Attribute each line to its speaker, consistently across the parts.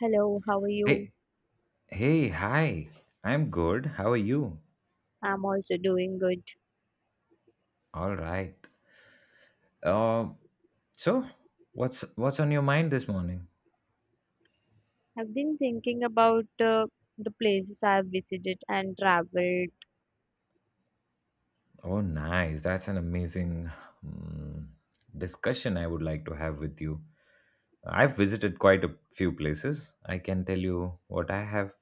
Speaker 1: Hello, how are you?
Speaker 2: Hey, hey, hi. I'm good. How are you?
Speaker 1: I'm also doing good.
Speaker 2: All right. Uh, so what's on your mind this morning?
Speaker 1: I've been thinking about the places I've visited and traveled.
Speaker 2: Oh, nice. That's an amazing mm, discussion I would like to have with you. I've visited quite a few places. I can tell you what I have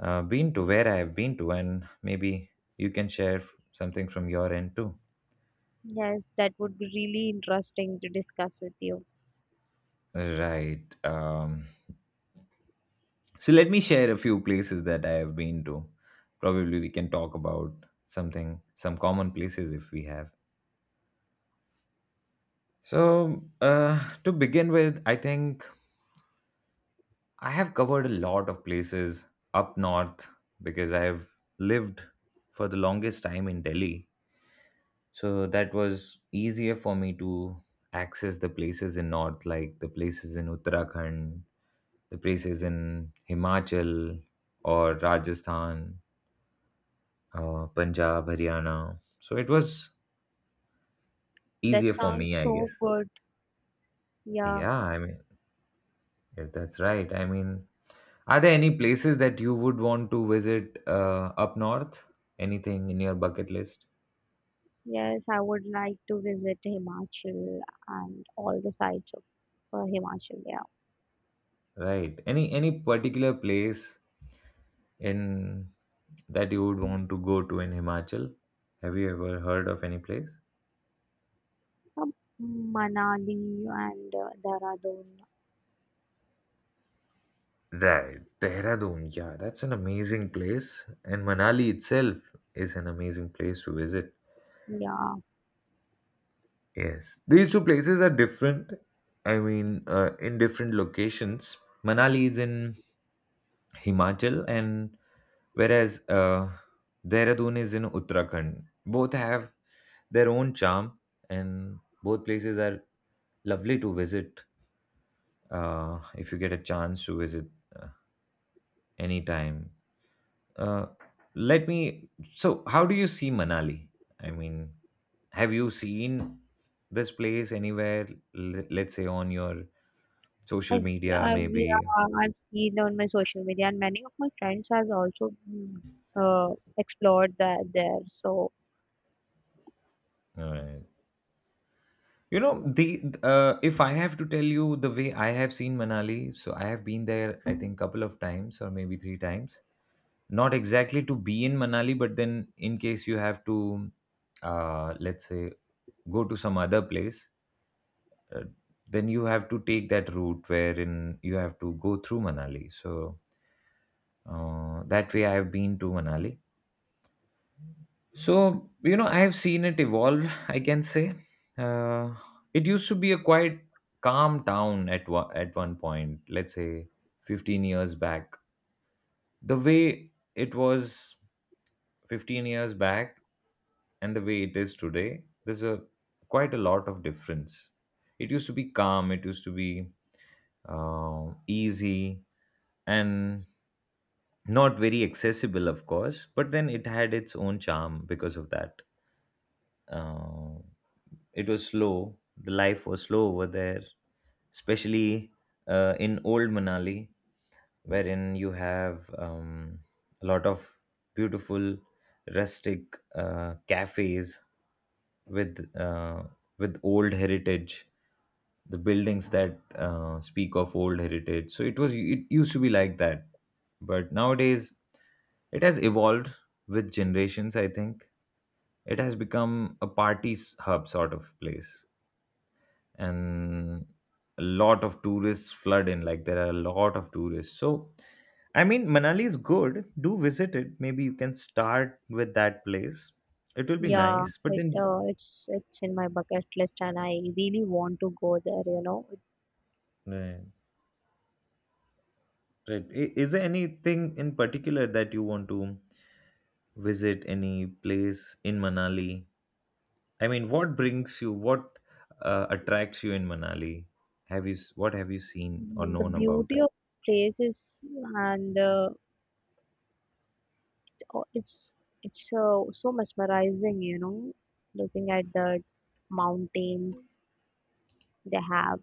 Speaker 2: been to, where I have been to, and maybe you can share something from your end too.
Speaker 1: Yes, that would be really interesting to discuss with you.
Speaker 2: Right. So let me share a few places that I have been to. Probably we can talk about something, some common places if we have. So to begin with, I think I have covered a lot of places up north because I have lived for the longest time in Delhi. So that was easier for me to access the places in north, like the places in Uttarakhand, the places in Himachal or Rajasthan, Punjab, Haryana. So it was easier
Speaker 1: That
Speaker 2: for me,
Speaker 1: sounds
Speaker 2: I guess.
Speaker 1: so good. Yeah,
Speaker 2: Yeah, I mean, yes, that's right. I mean, are there any places that you would want to visit up north? Anything in your bucket list?
Speaker 1: yes, I would like to visit Himachal and all the sites of Himachal. Yeah.
Speaker 2: Right. Any particular place in that you would want to go to in Himachal? Have you ever heard of any place?
Speaker 1: Um, Manali and Dehradun.
Speaker 2: Right, Dehradun. Yeah, that's an amazing place, and Manali itself is an amazing place to visit.
Speaker 1: Yeah,
Speaker 2: Yes, these two places are different. I mean, in different locations. Manali is in Himachal, and whereas Dehradun is in Uttarakhand. Both have their own charm, and both places are lovely to visit if you get a chance to visit uh, anytime. Uh, let me. So, how do you see Manali? I mean, have you seen this place anywhere? Let's say on your social
Speaker 1: I've,
Speaker 2: media,
Speaker 1: I've,
Speaker 2: maybe.
Speaker 1: yeah, I've seen on my social media, and many of my friends has also explored that there. So
Speaker 2: Alright. You know, the if I have to tell you the way I have seen Manali, so I have been there, I think, couple of times or maybe three times. Not exactly to be in Manali, but then in case you have to, let's say, go to some other place, uh, then you have to take that route wherein you have to go through Manali. So that way, I have been to Manali. So you know, I have seen it evolve. I can say uh, it used to be a quite calm town at one point. Let's say 15 years back, the way it was 15 years back and the way it is today, there's a quite a lot of difference. It used to be calm. It used to be easy, and not very accessible, of course. But then it had its own charm because of that. Uh, it was slow. The life was slow over there, especially in old Manali wherein you have a lot of beautiful rustic cafes with with old heritage, the buildings that speak of old heritage. So it used to be like that, but nowadays it has evolved with generations. I think it has become a party hub sort of place, and a lot of tourists flood in. Like, there are a lot of tourists. So I mean, Manali is good. Do visit it. Maybe you can start with that place. It will be
Speaker 1: yeah,
Speaker 2: nice, but
Speaker 1: it
Speaker 2: then
Speaker 1: uh, it's it's in my bucket list, and I really want to go there.
Speaker 2: right, right. Is there anything in particular that you want to visit, any place in Manali? I mean, what attracts you in Manali? What have you seen or
Speaker 1: The
Speaker 2: known about
Speaker 1: beauty
Speaker 2: it?
Speaker 1: of places, and it's it's so mesmerizing. You know, looking at the mountains they have.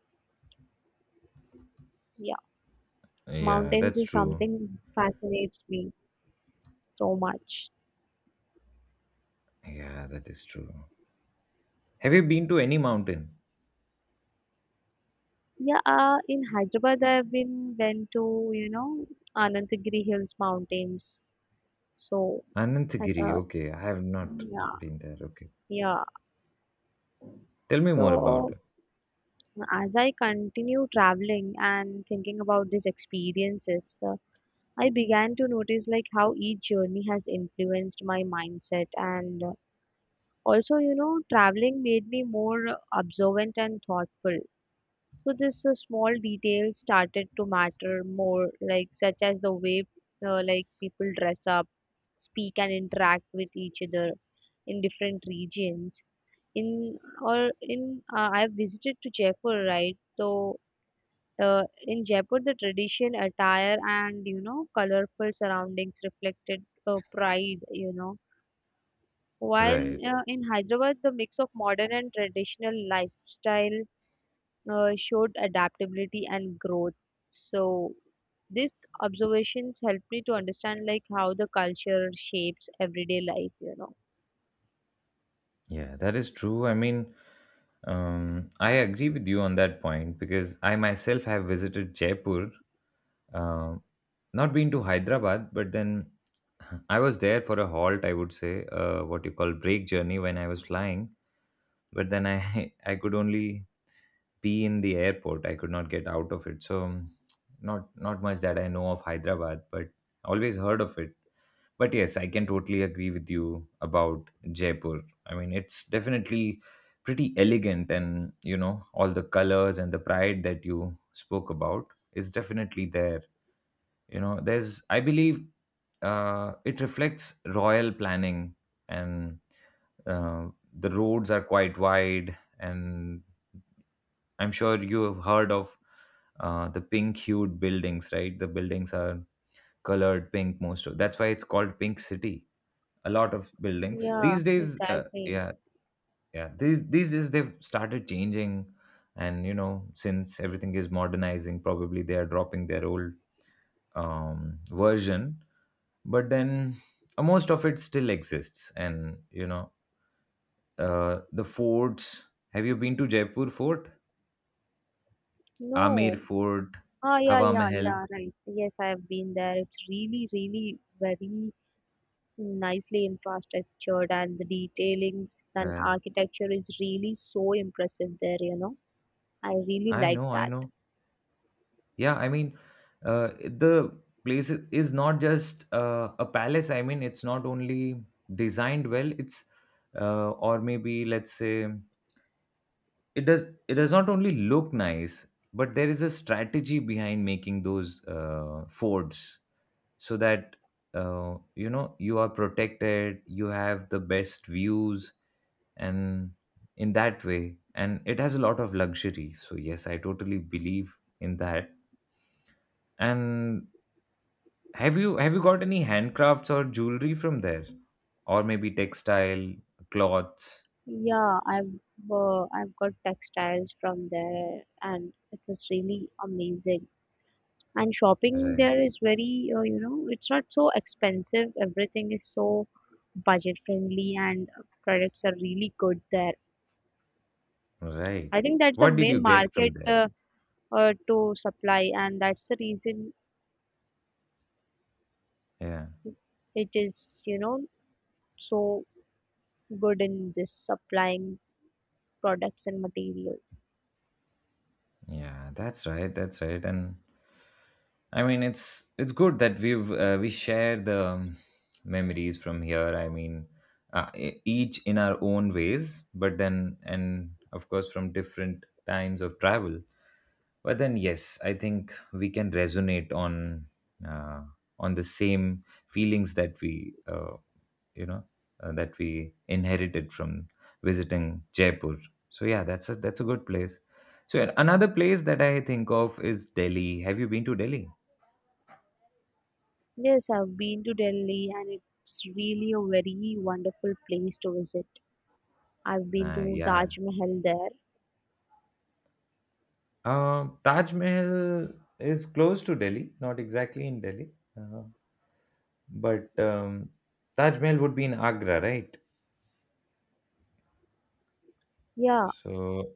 Speaker 1: Yeah,
Speaker 2: Yeah,
Speaker 1: mountains
Speaker 2: that's
Speaker 1: is
Speaker 2: true.
Speaker 1: something fascinates me so much.
Speaker 2: Yeah, that is true. Have you been to any mountain?
Speaker 1: Yeah, in Hyderabad, I've been went to, you know, Anantagiri Hills mountains. So at
Speaker 2: Anantagiri. Okay, I have not
Speaker 1: yeah,
Speaker 2: been there. Okay,
Speaker 1: yeah.
Speaker 2: tell me more about
Speaker 1: So
Speaker 2: it.
Speaker 1: as I continue traveling and thinking about these experiences, I began to notice like how each journey has influenced my mindset, and also, you know, traveling made me more observant and thoughtful. So this small details started to matter more, like such as the way like people dress up, speak and interact with each other in different regions. In or in I've visited to Jaipur, right? So in Jaipur, the tradition, attire, and you know colorful surroundings reflected pride. You know, while
Speaker 2: Right.
Speaker 1: in Hyderabad, the mix of modern and traditional lifestyle showed adaptability and growth. So these observations helped me to understand like how the culture shapes everyday life, you know.
Speaker 2: Yeah, that is true. I mean, I agree with you on that point because I myself have visited Jaipur, uh, not been to Hyderabad, but then I was there for a halt, I would say, what you call break journey when I was flying. But then I I could only be in the airport. I could not get out of it. So not much that I know of Hyderabad, but always heard of it. But yes, I can totally agree with you about Jaipur. I mean, it's definitely pretty elegant, and you know, all the colors and the pride that you spoke about is definitely there. You know, there's, I believe, it reflects royal planning, and uh, the roads are quite wide. And I'm sure you've heard of the pink hued buildings, right? The buildings are colored pink most of. That's why it's called Pink City. A lot of buildings
Speaker 1: Yeah,
Speaker 2: these days,
Speaker 1: exactly.
Speaker 2: yeah, yeah. These days they've started changing, and you know, since everything is modernizing, probably they are dropping their old version. But then most of it still exists, and you know, the forts. Have you been to Jaipur Fort, Amir
Speaker 1: No.
Speaker 2: Fort,
Speaker 1: Ah, yeah,
Speaker 2: Hawa
Speaker 1: yeah,
Speaker 2: Mahal?
Speaker 1: yeah, right. Yes, I have been there. It's really, really very nicely infrastructured, and the detailings and
Speaker 2: Right.
Speaker 1: architecture is really so impressive there, you know. I really
Speaker 2: I
Speaker 1: like
Speaker 2: know, I
Speaker 1: that.
Speaker 2: know. Yeah, I mean, uh, the place is not just a palace. I mean, it's not only designed well. It's Or maybe let's say it does not only look nice, but there is a strategy behind making those forts so that you know, you are protected. You have the best views, and in that way, and it has a lot of luxury. So yes, I totally believe in that. And have you got any handcrafts or jewelry from there? Or maybe textile, cloths?
Speaker 1: Yeah, I've got textiles from there, and it was really amazing. And shopping
Speaker 2: Right.
Speaker 1: there is very, you know, it's not so expensive. Everything is so budget friendly, and products are really good there.
Speaker 2: Right.
Speaker 1: I think that's the
Speaker 2: What did you
Speaker 1: main
Speaker 2: get from
Speaker 1: market
Speaker 2: there?
Speaker 1: to supply, and that's the reason
Speaker 2: Yeah.
Speaker 1: it is, you know, so good in this supplying products and materials.
Speaker 2: Yeah, that's right. That's right. And I mean, it's good that we share the memories from here. I mean, each in our own ways, but then, and of course from different times of travel. But then, yes, I think we can resonate on uh, on the same feelings that we you know that we inherited from visiting Jaipur. So yeah, that's a good place. So another place that I think of is Delhi. Have you been to Delhi?
Speaker 1: Yes, I've been to Delhi, and it's really a very wonderful place to visit. I've been
Speaker 2: Uh,
Speaker 1: to
Speaker 2: yeah.
Speaker 1: Taj Mahal there.
Speaker 2: Taj Mahal is close to Delhi, not exactly in Delhi, uh, but Taj Mahal would be in Agra, right?
Speaker 1: Yeah,
Speaker 2: So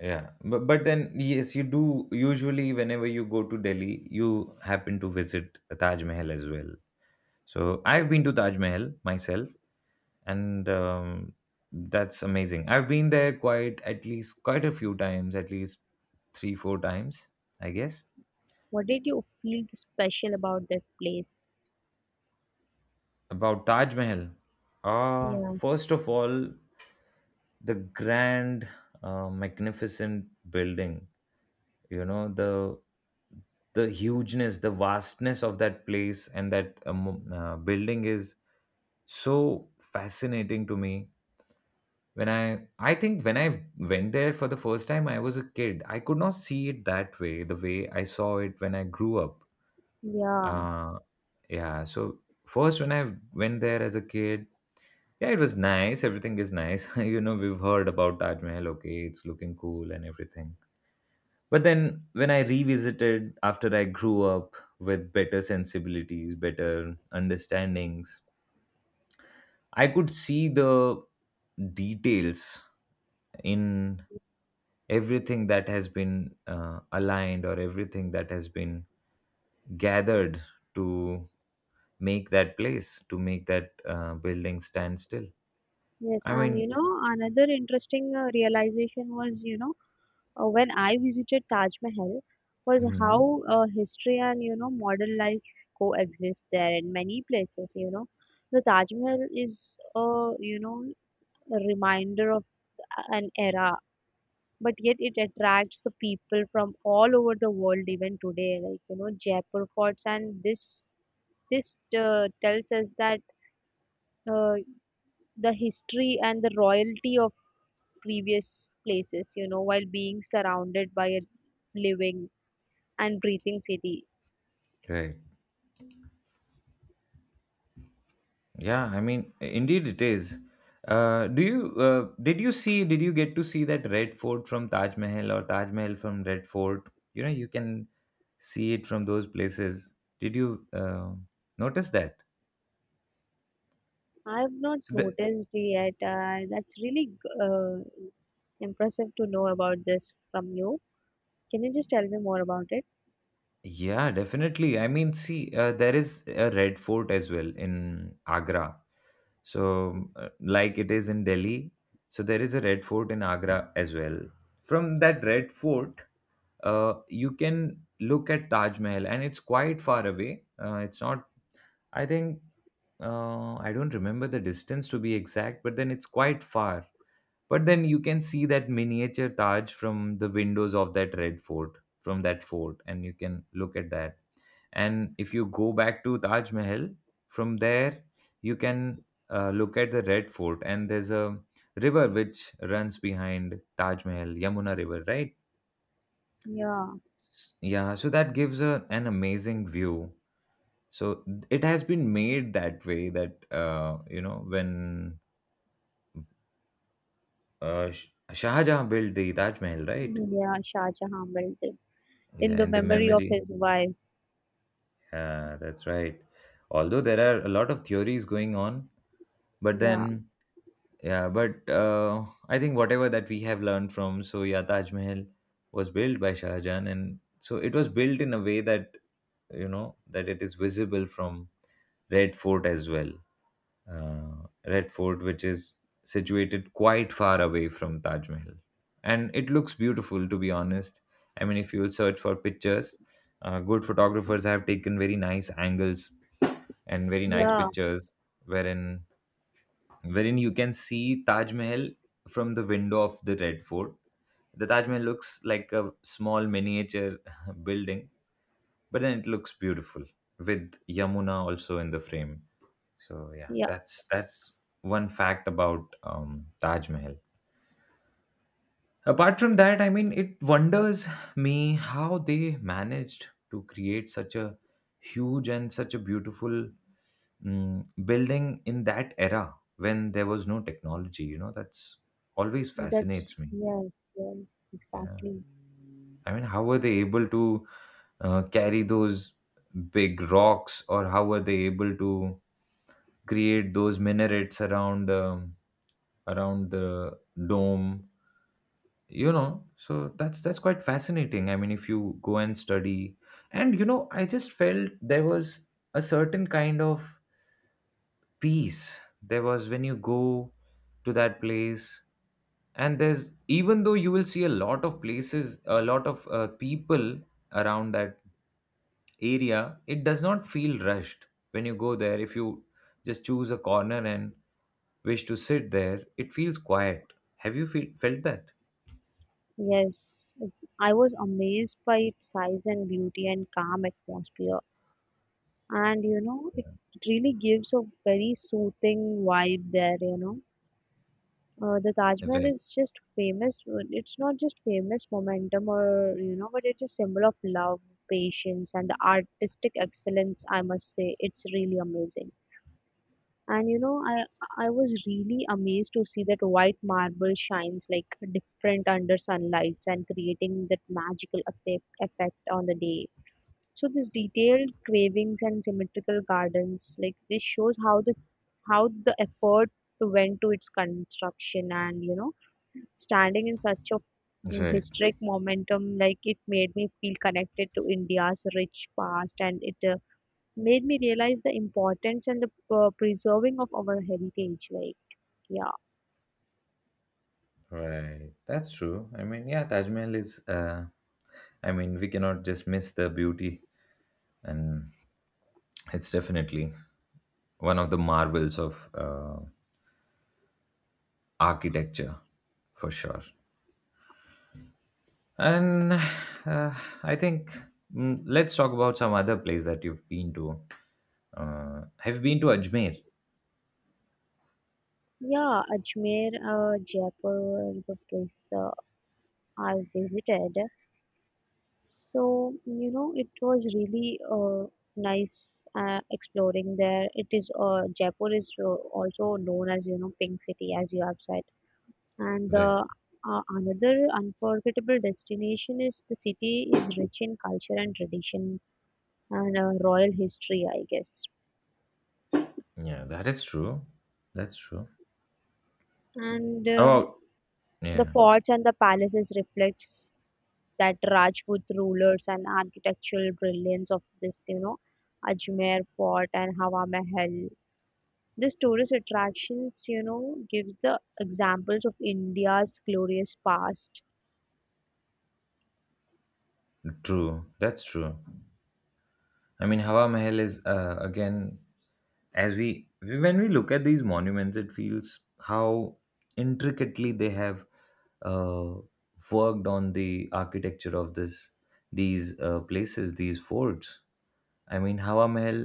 Speaker 2: yeah, but then yes, you do usually. Whenever you go to Delhi, you happen to visit Taj Mahal as well. So I've been to Taj Mahal myself, and that's amazing. I've been there quite at least quite a few times, at least three four times, I guess.
Speaker 1: what did you feel special about that place?
Speaker 2: About Taj Mahal.
Speaker 1: Yeah,
Speaker 2: First of all, the grand, magnificent building, you know, the hugeness, the vastness of that place, and that building is so fascinating to me. When I think when I went there for the first time, I was a kid. I could not see it that way, the way I saw it when I grew up.
Speaker 1: yeah,
Speaker 2: uh yeah, so first when I went there as a kid, yeah, it was nice. Everything is nice. You know, we've heard about Taj Mahal. Okay, it's looking cool and everything. But then when I revisited after I grew up, with better sensibilities, better understandings, I could see the details in everything that has been aligned, or everything that has been gathered to make that building stand still.
Speaker 1: yes,
Speaker 2: I
Speaker 1: and you
Speaker 2: mean,
Speaker 1: know, another interesting realization was, you know, when I visited Taj Mahal, was
Speaker 2: mhm,
Speaker 1: how history and you know modern life coexist there in many places. You know, the Taj Mahal is, you know, a reminder of an era, but yet it attracts the people from all over the world even today, like, you know, Jaipur forts, and this tells us that uh, the history and the royalty of previous places, you know, while being surrounded by a living and breathing city.
Speaker 2: right. Yeah, I mean, indeed it is. Uh, do you did you see Did you get to see that Red Fort from Taj Mahal, or Taj Mahal from Red Fort? You know, you can see it from those places. Did you notice that?
Speaker 1: I've not
Speaker 2: so the,
Speaker 1: noticed yet. That's really impressive to know about this from you. Can you just tell me more about it?
Speaker 2: Yeah, definitely. I mean, see, there is a Red Fort as well in Agra. So, like it is in Delhi, so there is a Red Fort in Agra as well. From that Red Fort, you can look at Taj Mahal, and it's quite far away. It's not, I think, I don't remember the distance to be exact, but then it's quite far. But then you can see that miniature Taj from the windows of that Red Fort, from that fort, and you can look at that. And if you go back to Taj Mahal, from there you can look at the Red Fort. And there's a river which runs behind Taj Mahal, Yamuna River, right?
Speaker 1: yeah
Speaker 2: Yeah, so that gives an amazing view. So it has been made that way, that you know, when Shah Jahan built the Taj Mahal, right?
Speaker 1: yeah Shah Jahan built it in
Speaker 2: Yeah,
Speaker 1: the
Speaker 2: in the
Speaker 1: memory of
Speaker 2: memory.
Speaker 1: his wife.
Speaker 2: Yeah, that's right. Although there are a lot of theories going on, but
Speaker 1: Yeah,
Speaker 2: then yeah, but I think whatever that we have learned from, so yeah, Taj Mahal was built by Shah Jahan, and so it was built in a way that, you know, that it is visible from Red Fort as well. Red Fort, which is situated quite far away from Taj Mahal, and it looks beautiful, to be honest. I mean, if you will search for pictures, good photographers have taken very nice angles and very nice
Speaker 1: yeah,
Speaker 2: pictures wherein wherein you can see Taj Mahal from the window of the Red Fort. The Taj Mahal looks like a small miniature building, but then it looks beautiful with Yamuna also in the frame. So yeah,
Speaker 1: yeah.
Speaker 2: that's one fact about Taj Mahal. Apart from that, I mean, it wonders me how they managed to create such a huge and such a beautiful building in that era when there was no technology, that's always
Speaker 1: That's
Speaker 2: fascinates me.
Speaker 1: yes, yes,
Speaker 2: Yeah,
Speaker 1: exactly.
Speaker 2: I mean, how were they able to carry those big rocks, or how were they able to create those minarets around around the dome, so that's quite fascinating. I mean, if you go and study, and you know, I just felt there was a certain kind of peace there was when you go to that place. And there's, even though you will see a lot of places, a lot of people around that area, it does not feel rushed. When you go there, if you just choose a corner and wish to sit there, it feels quiet. Have you felt that?
Speaker 1: Yes, it- I was amazed by its size and beauty and calm atmosphere. And you know, it really gives a very soothing vibe there, you know. The Taj Mahal
Speaker 2: Right.
Speaker 1: is just famous. It's not just famous momentum, or, you know, but it's a symbol of love, patience, and the artistic excellence, I must say. It's really amazing. And you know, I was really amazed to see that white marble shines like different under sunlights and creating that magical effect on the day. So this detailed carvings and symmetrical gardens, like this shows how the effort went to its construction. And you know, standing in such a
Speaker 2: Right.
Speaker 1: historic momentum, like, it made me feel connected to India's rich past, and it made me realize the importance and the preserving of our heritage. Like, yeah,
Speaker 2: Right, that's true. I mean, yeah, Taj Mahal is I mean, we cannot just miss the beauty, and it's definitely one of the marvels of architecture, for sure. And uh, I think, let's talk about some other place that you've been to. Have you been to Ajmer?
Speaker 1: yeah, Ajmer, Jaipur, the place I visited. So, you know, it was really nice exploring there. It is, Jaipur is also known as, you know, Pink City, as you have said. And
Speaker 2: Right.
Speaker 1: the another unforgettable destination is the city is rich in culture and tradition and royal history, I guess.
Speaker 2: Yeah, that is true. That's true.
Speaker 1: And
Speaker 2: About.
Speaker 1: the
Speaker 2: Yeah.
Speaker 1: forts and the palaces reflects that Rajput rulers and architectural brilliance of this, you know, Ajmer Fort and Hawa Mahal. These tourist attractions, you know, gives the examples of India's glorious past.
Speaker 2: True, that's true. I mean, Hawa Mahal is again, as we, when we look at these monuments, it feels how intricately they have uh, worked on the architecture of this, these places, these forts. I mean, Hawa Mahal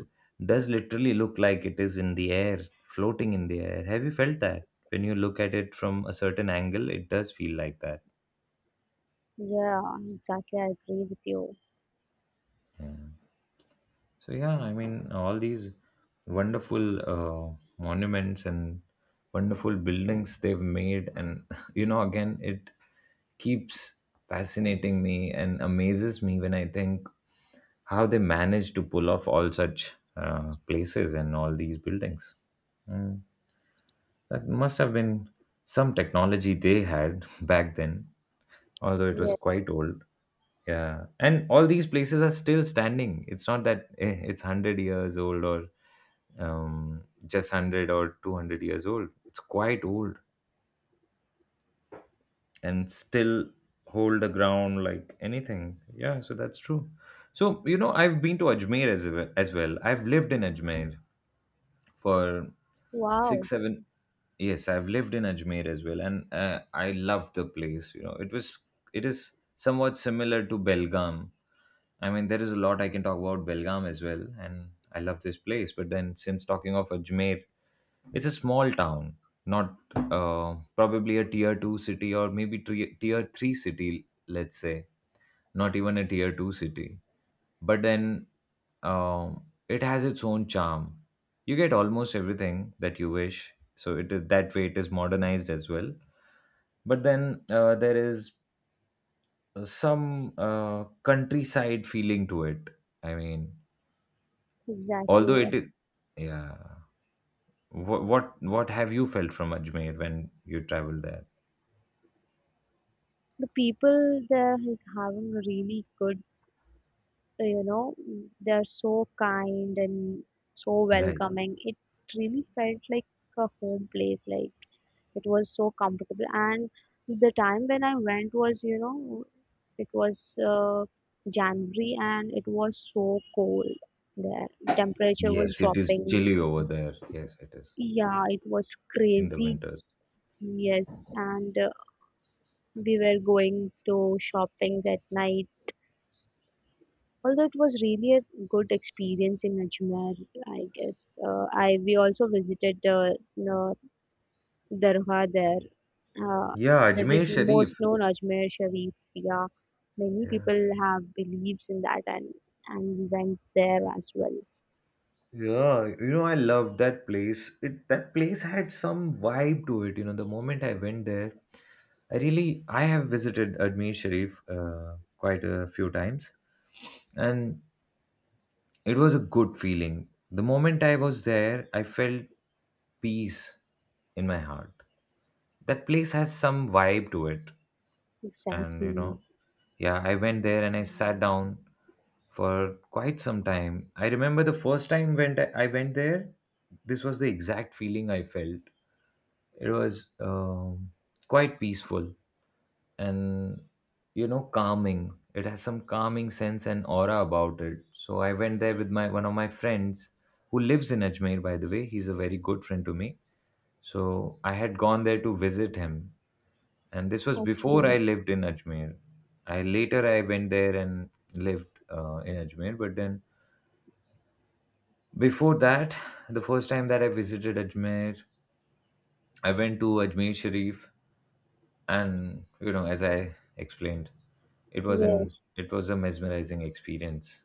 Speaker 2: does literally look like it is in the air, floating in the air. Have you felt that? When you look at it from a certain angle, it does feel like that.
Speaker 1: Yeah, exactly. I agree with you.
Speaker 2: Yeah. So yeah, I mean, all these wonderful monuments and wonderful buildings they've made, and you know, again, it keeps fascinating me and amazes me when I think how they manage to pull off all such places and all these buildings. Mm. That must have been some technology they had back then, although it was
Speaker 1: Yes.
Speaker 2: quite old. Yeah, and all these places are still standing. It's not that it's 100 years old, or just 100 or 200 years old. It's quite old and still hold the ground like anything. Yeah, so that's true. So, you know, I've been to Ajmer as, well. As well. I've lived in Ajmer for six
Speaker 1: Wow.
Speaker 2: seven yes, I've lived in Ajmer as well. And I love the place, you know. It was, it is somewhat similar to Belgaum. I mean, there is a lot I can talk about Belgaum as well, and I love this place. But then, since talking of Ajmer, it's a small town, not uh, probably a tier 2 city, or maybe tier 3 city, let's say, not even a tier 2 city. But then, um, it has its own charm. You get almost everything that you wish, so it is that way. It is modernized as well. But then there is some countryside feeling to it. I mean, although
Speaker 1: Exactly.
Speaker 2: it is, yeah. What have you felt from Ajmer when you traveled there?
Speaker 1: The people there is having really good, you know, they are so kind and so
Speaker 2: Right.
Speaker 1: welcoming. It really felt like a home place, like it was so comfortable. And the time when I went was, you know, it was January, and it was so cold there. The temperature was
Speaker 2: Yes, it is
Speaker 1: dropping.
Speaker 2: chilly over there. Yes, it is
Speaker 1: Yeah, it was
Speaker 2: in the
Speaker 1: crazy.
Speaker 2: winters.
Speaker 1: Yes, and we were going to shoppings at night. Although it was really a good experience in Ajmer, I guess. I we also visited the uh, Dargah there. Uh,
Speaker 2: Yeah,
Speaker 1: that
Speaker 2: Ajmer
Speaker 1: is
Speaker 2: Sharif.
Speaker 1: most known Ajmer Sharif. Yeah, many
Speaker 2: Yeah.
Speaker 1: people have beliefs in that, and we went there as well.
Speaker 2: Yeah, you know, I loved that place. It, that place had some vibe to it. You know, the moment I went there, I really, I have visited Ajmer Sharif quite a few times, and it was a good feeling. The moment I was there, I felt peace in my heart. That place has some vibe to it, and you know,
Speaker 1: Exactly.
Speaker 2: yeah, I went there and I sat down for quite some time. I remember the first time when I went there, this was the exact feeling I felt. It was quite peaceful, and you know, calming. It has some calming sense and aura about it. So I went there with my one of my friends who lives in Ajmer, by the way. He's a very good friend to me, so I had gone there to visit him, and this was before I
Speaker 1: Okay.
Speaker 2: lived in Ajmer. I later I went there and lived in Ajmer, but then before that, the first time that I visited Ajmer, I went to Ajmer Sharif, and you know, as I explained, it was an
Speaker 1: Yes.
Speaker 2: it was a mesmerizing experience.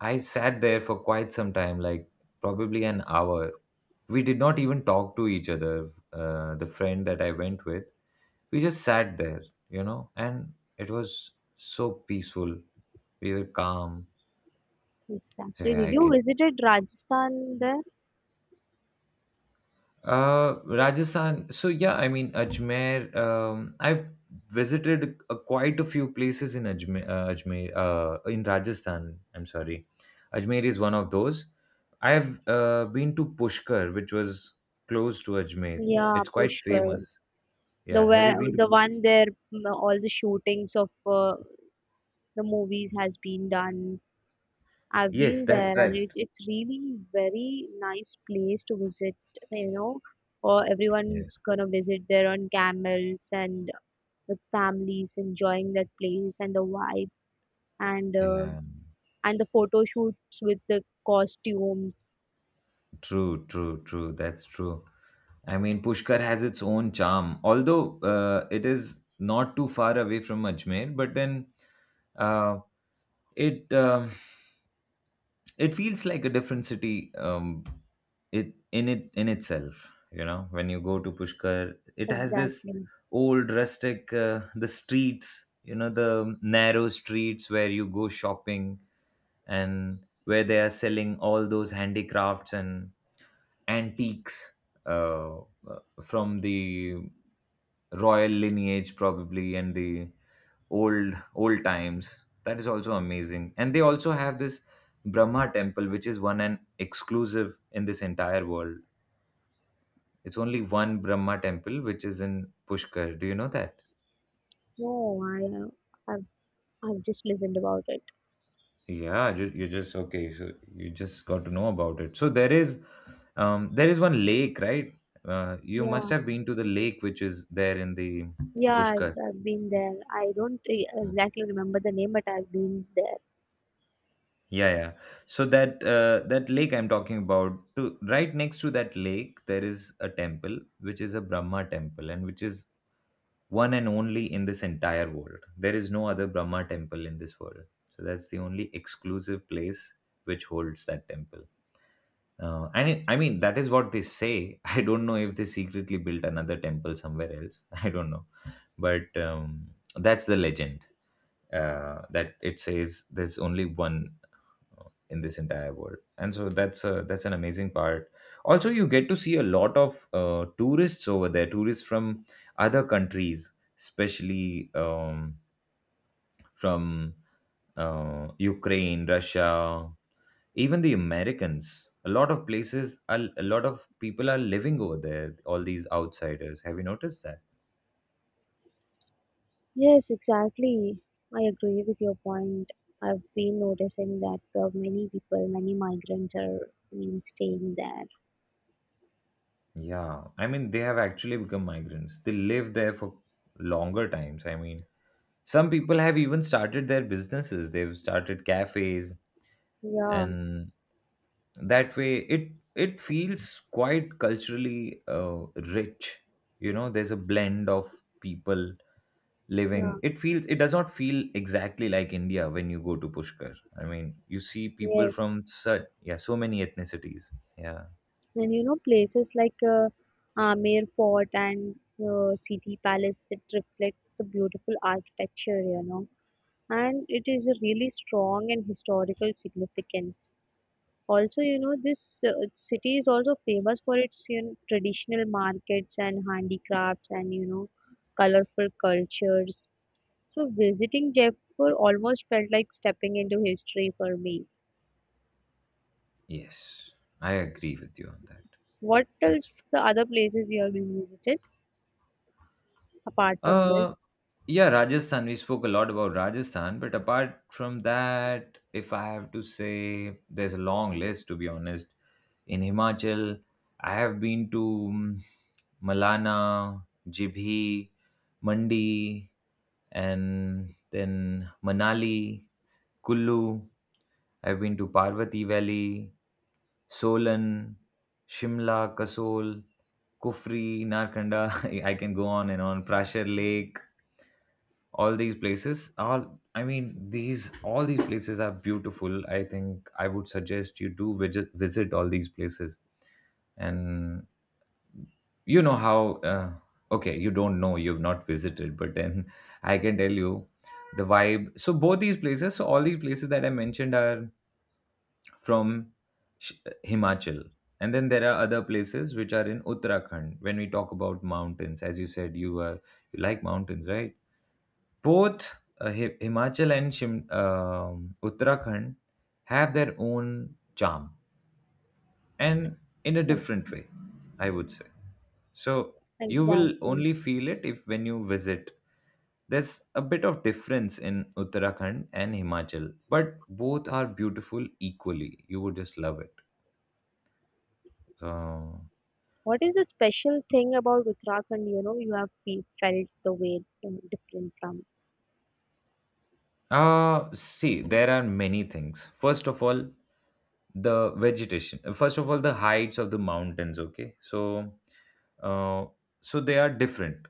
Speaker 2: I sat there for quite some time, like probably an hour. We did not even talk to each other. The friend that I went with, we just sat there, you know, and it was so peaceful. We were calm.
Speaker 1: Exactly.
Speaker 2: Yeah,
Speaker 1: Did
Speaker 2: I
Speaker 1: you
Speaker 2: can.
Speaker 1: visited Rajasthan there?
Speaker 2: Rajasthan. So yeah, I mean, Ajmer. I've visited quite a few places in Ajmer. Ajmer. In Rajasthan. I'm sorry. Ajmer is one of those. I have been to Pushkar, which was close to Ajmer.
Speaker 1: Yeah,
Speaker 2: It's quite
Speaker 1: Pushkar.
Speaker 2: famous.
Speaker 1: The
Speaker 2: Yeah. Have you
Speaker 1: where
Speaker 2: been to?
Speaker 1: the one there, all the shootings of uh, the movies has been done. I've
Speaker 2: Yes,
Speaker 1: been
Speaker 2: that's
Speaker 1: there, and
Speaker 2: right.
Speaker 1: it, it's really very nice place to visit. You know, or
Speaker 2: Yeah.
Speaker 1: everyone's gonna visit there on camels and with families enjoying that place and the vibe and uh,
Speaker 2: Yeah.
Speaker 1: and the photo shoots with the costumes.
Speaker 2: True. True. True. That's true. I mean, Pushkar has its own charm, although it is not too far away from Ajmer. But then, uh, it it feels like a different city. It in it in itself, you know. When you go to Pushkar, it has this
Speaker 1: Exactly.
Speaker 2: old rustic the streets, you know, the narrow streets where you go shopping and where they are selling all those handicrafts and antiques, uh, from the royal lineage probably, and the old old times. That is also amazing, and they also have this Brahma temple which is one and exclusive in this entire world. It's only one Brahma temple which is in Pushkar. Do you know that?
Speaker 1: No, I've, I've just listened about it.
Speaker 2: Yeah, you just, okay, so you just got to know about it. So there is, there is one lake, right? You must
Speaker 1: Yeah,
Speaker 2: have been to the lake which is there in the
Speaker 1: yeah,
Speaker 2: Pushkar.
Speaker 1: I've been there. I don't exactly remember the name, but I've been there.
Speaker 2: Yeah, yeah. So that that lake I'm talking about, to, right next to that lake, there is a temple which is a Brahma temple, and which is one and only in this entire world. There is no other Brahma temple in this world. So that's the only exclusive place which holds that temple. And it, I mean, that is what they say. I don't know if they secretly built another temple somewhere else. I don't know, but that's the legend that it says there's only one in this entire world. And so that's a, that's an amazing part. Also, you get to see a lot of tourists over there, tourists from other countries, especially from Ukraine, Russia, even the Americans. A lot of places, a lot of people are living over there, all these outsiders. Have you noticed that?
Speaker 1: Yes, exactly. I agree with your point. I've been noticing that many people, many migrants are, I mean, staying there.
Speaker 2: Yeah, I mean, they have actually become migrants. They live there for longer times. I mean, some people have even started their businesses. They've started cafes,
Speaker 1: Yeah,
Speaker 2: and that way it it feels quite culturally rich. You know, there's a blend of people living.
Speaker 1: yeah,
Speaker 2: It feels, it does not feel exactly like India when you go to Pushkar. I mean, you see people
Speaker 1: yes.
Speaker 2: from such, yeah, so many ethnicities. Yeah.
Speaker 1: And you know, places like Amer Fort and City Palace that reflects the beautiful architecture, you know, and it is a really strong and historical significance. Also, you know, this city is also famous for its, you know, traditional markets and handicrafts and, you know, colorful cultures. So, visiting Jaipur almost felt like stepping into history for me.
Speaker 2: Yes, I agree with you on that.
Speaker 1: What
Speaker 2: That's
Speaker 1: else the other places you have been visited apart from
Speaker 2: Uh,
Speaker 1: this?
Speaker 2: yeah, Rajasthan. We spoke a lot about Rajasthan, but apart from that, if I have to say, there's a long list, to be honest. In Himachal, I have been to mm, Malana, Jibhi, Mandi, and then Manali, Kullu. I've been to Parvati Valley, Solan, Shimla, Kasol, Kufri, Narkanda. I can go on and on. Prashar Lake, all these places are, I mean, these all these places are beautiful. I think I would suggest you do visit all these places. And you know how okay, you don't know, you've not visited. But then I can tell you the vibe. So both these places, so all these places that I mentioned are from Sh- Himachal, and then there are other places which are in Uttarakhand. When we talk about mountains, as you said, you are, you like mountains, right? Both Himachal and Uttarakhand have their own charm, and in a different
Speaker 1: Ex-
Speaker 2: way, I would say. So you will
Speaker 1: exactly.
Speaker 2: only feel it if when you visit. There's a bit of difference in Uttarakhand and Himachal, but both are beautiful equally. You would just love it. So
Speaker 1: What is the special thing about Uttarakhand, you know, you have felt the way different from?
Speaker 2: See, there are many things. First of all, the vegetation. First of all, the heights of the mountains. Okay, so, uh, so they are different,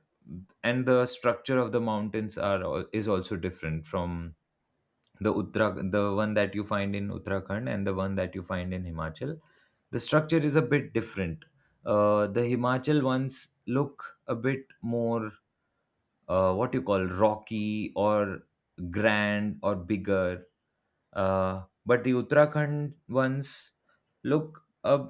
Speaker 2: and the structure of the mountains are is also different from the Uttara, the one that you find in Uttarakhand and the one that you find in Himachal. The structure is a bit different. The Himachal ones look a bit more what you call, rocky or grand or bigger. But the Uttarakhand ones look uh,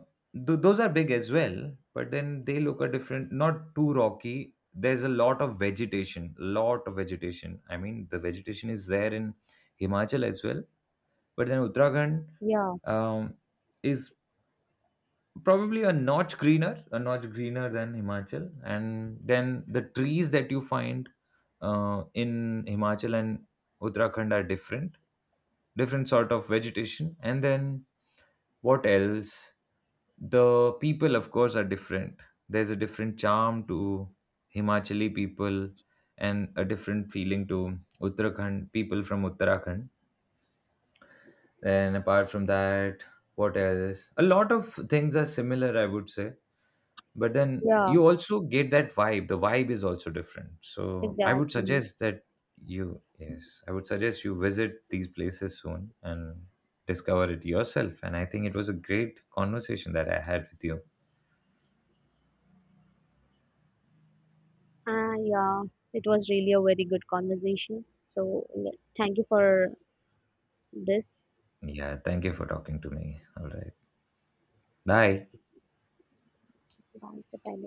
Speaker 2: th- those are big as well, but then they look a different, not too rocky. There's a lot of vegetation, lot of vegetation. I mean, the vegetation is there in Himachal as well, but then Uttarakhand
Speaker 1: Yeah,
Speaker 2: um, is probably a notch greener, a notch greener than Himachal. And then the trees that you find in Himachal and Uttarakhand are different, different sort of vegetation. And then what else? The people, of course, are different. There's a different charm to Himachali people, and a different feeling to Uttarakhand people, from Uttarakhand. And apart from that, what else? A lot of things are similar, I would say. But then
Speaker 1: yeah,
Speaker 2: you also get that vibe, the vibe is also different. So I would
Speaker 1: exactly.
Speaker 2: suggest that you, yes, I would suggest you visit these places soon and discover it yourself. And I think it was a great conversation that I had with you.
Speaker 1: Ah yeah, it was really a very good conversation. So, yeah, thank you for this.
Speaker 2: Yeah, thank you for talking to me. All right, bye.
Speaker 1: Bye, Sir.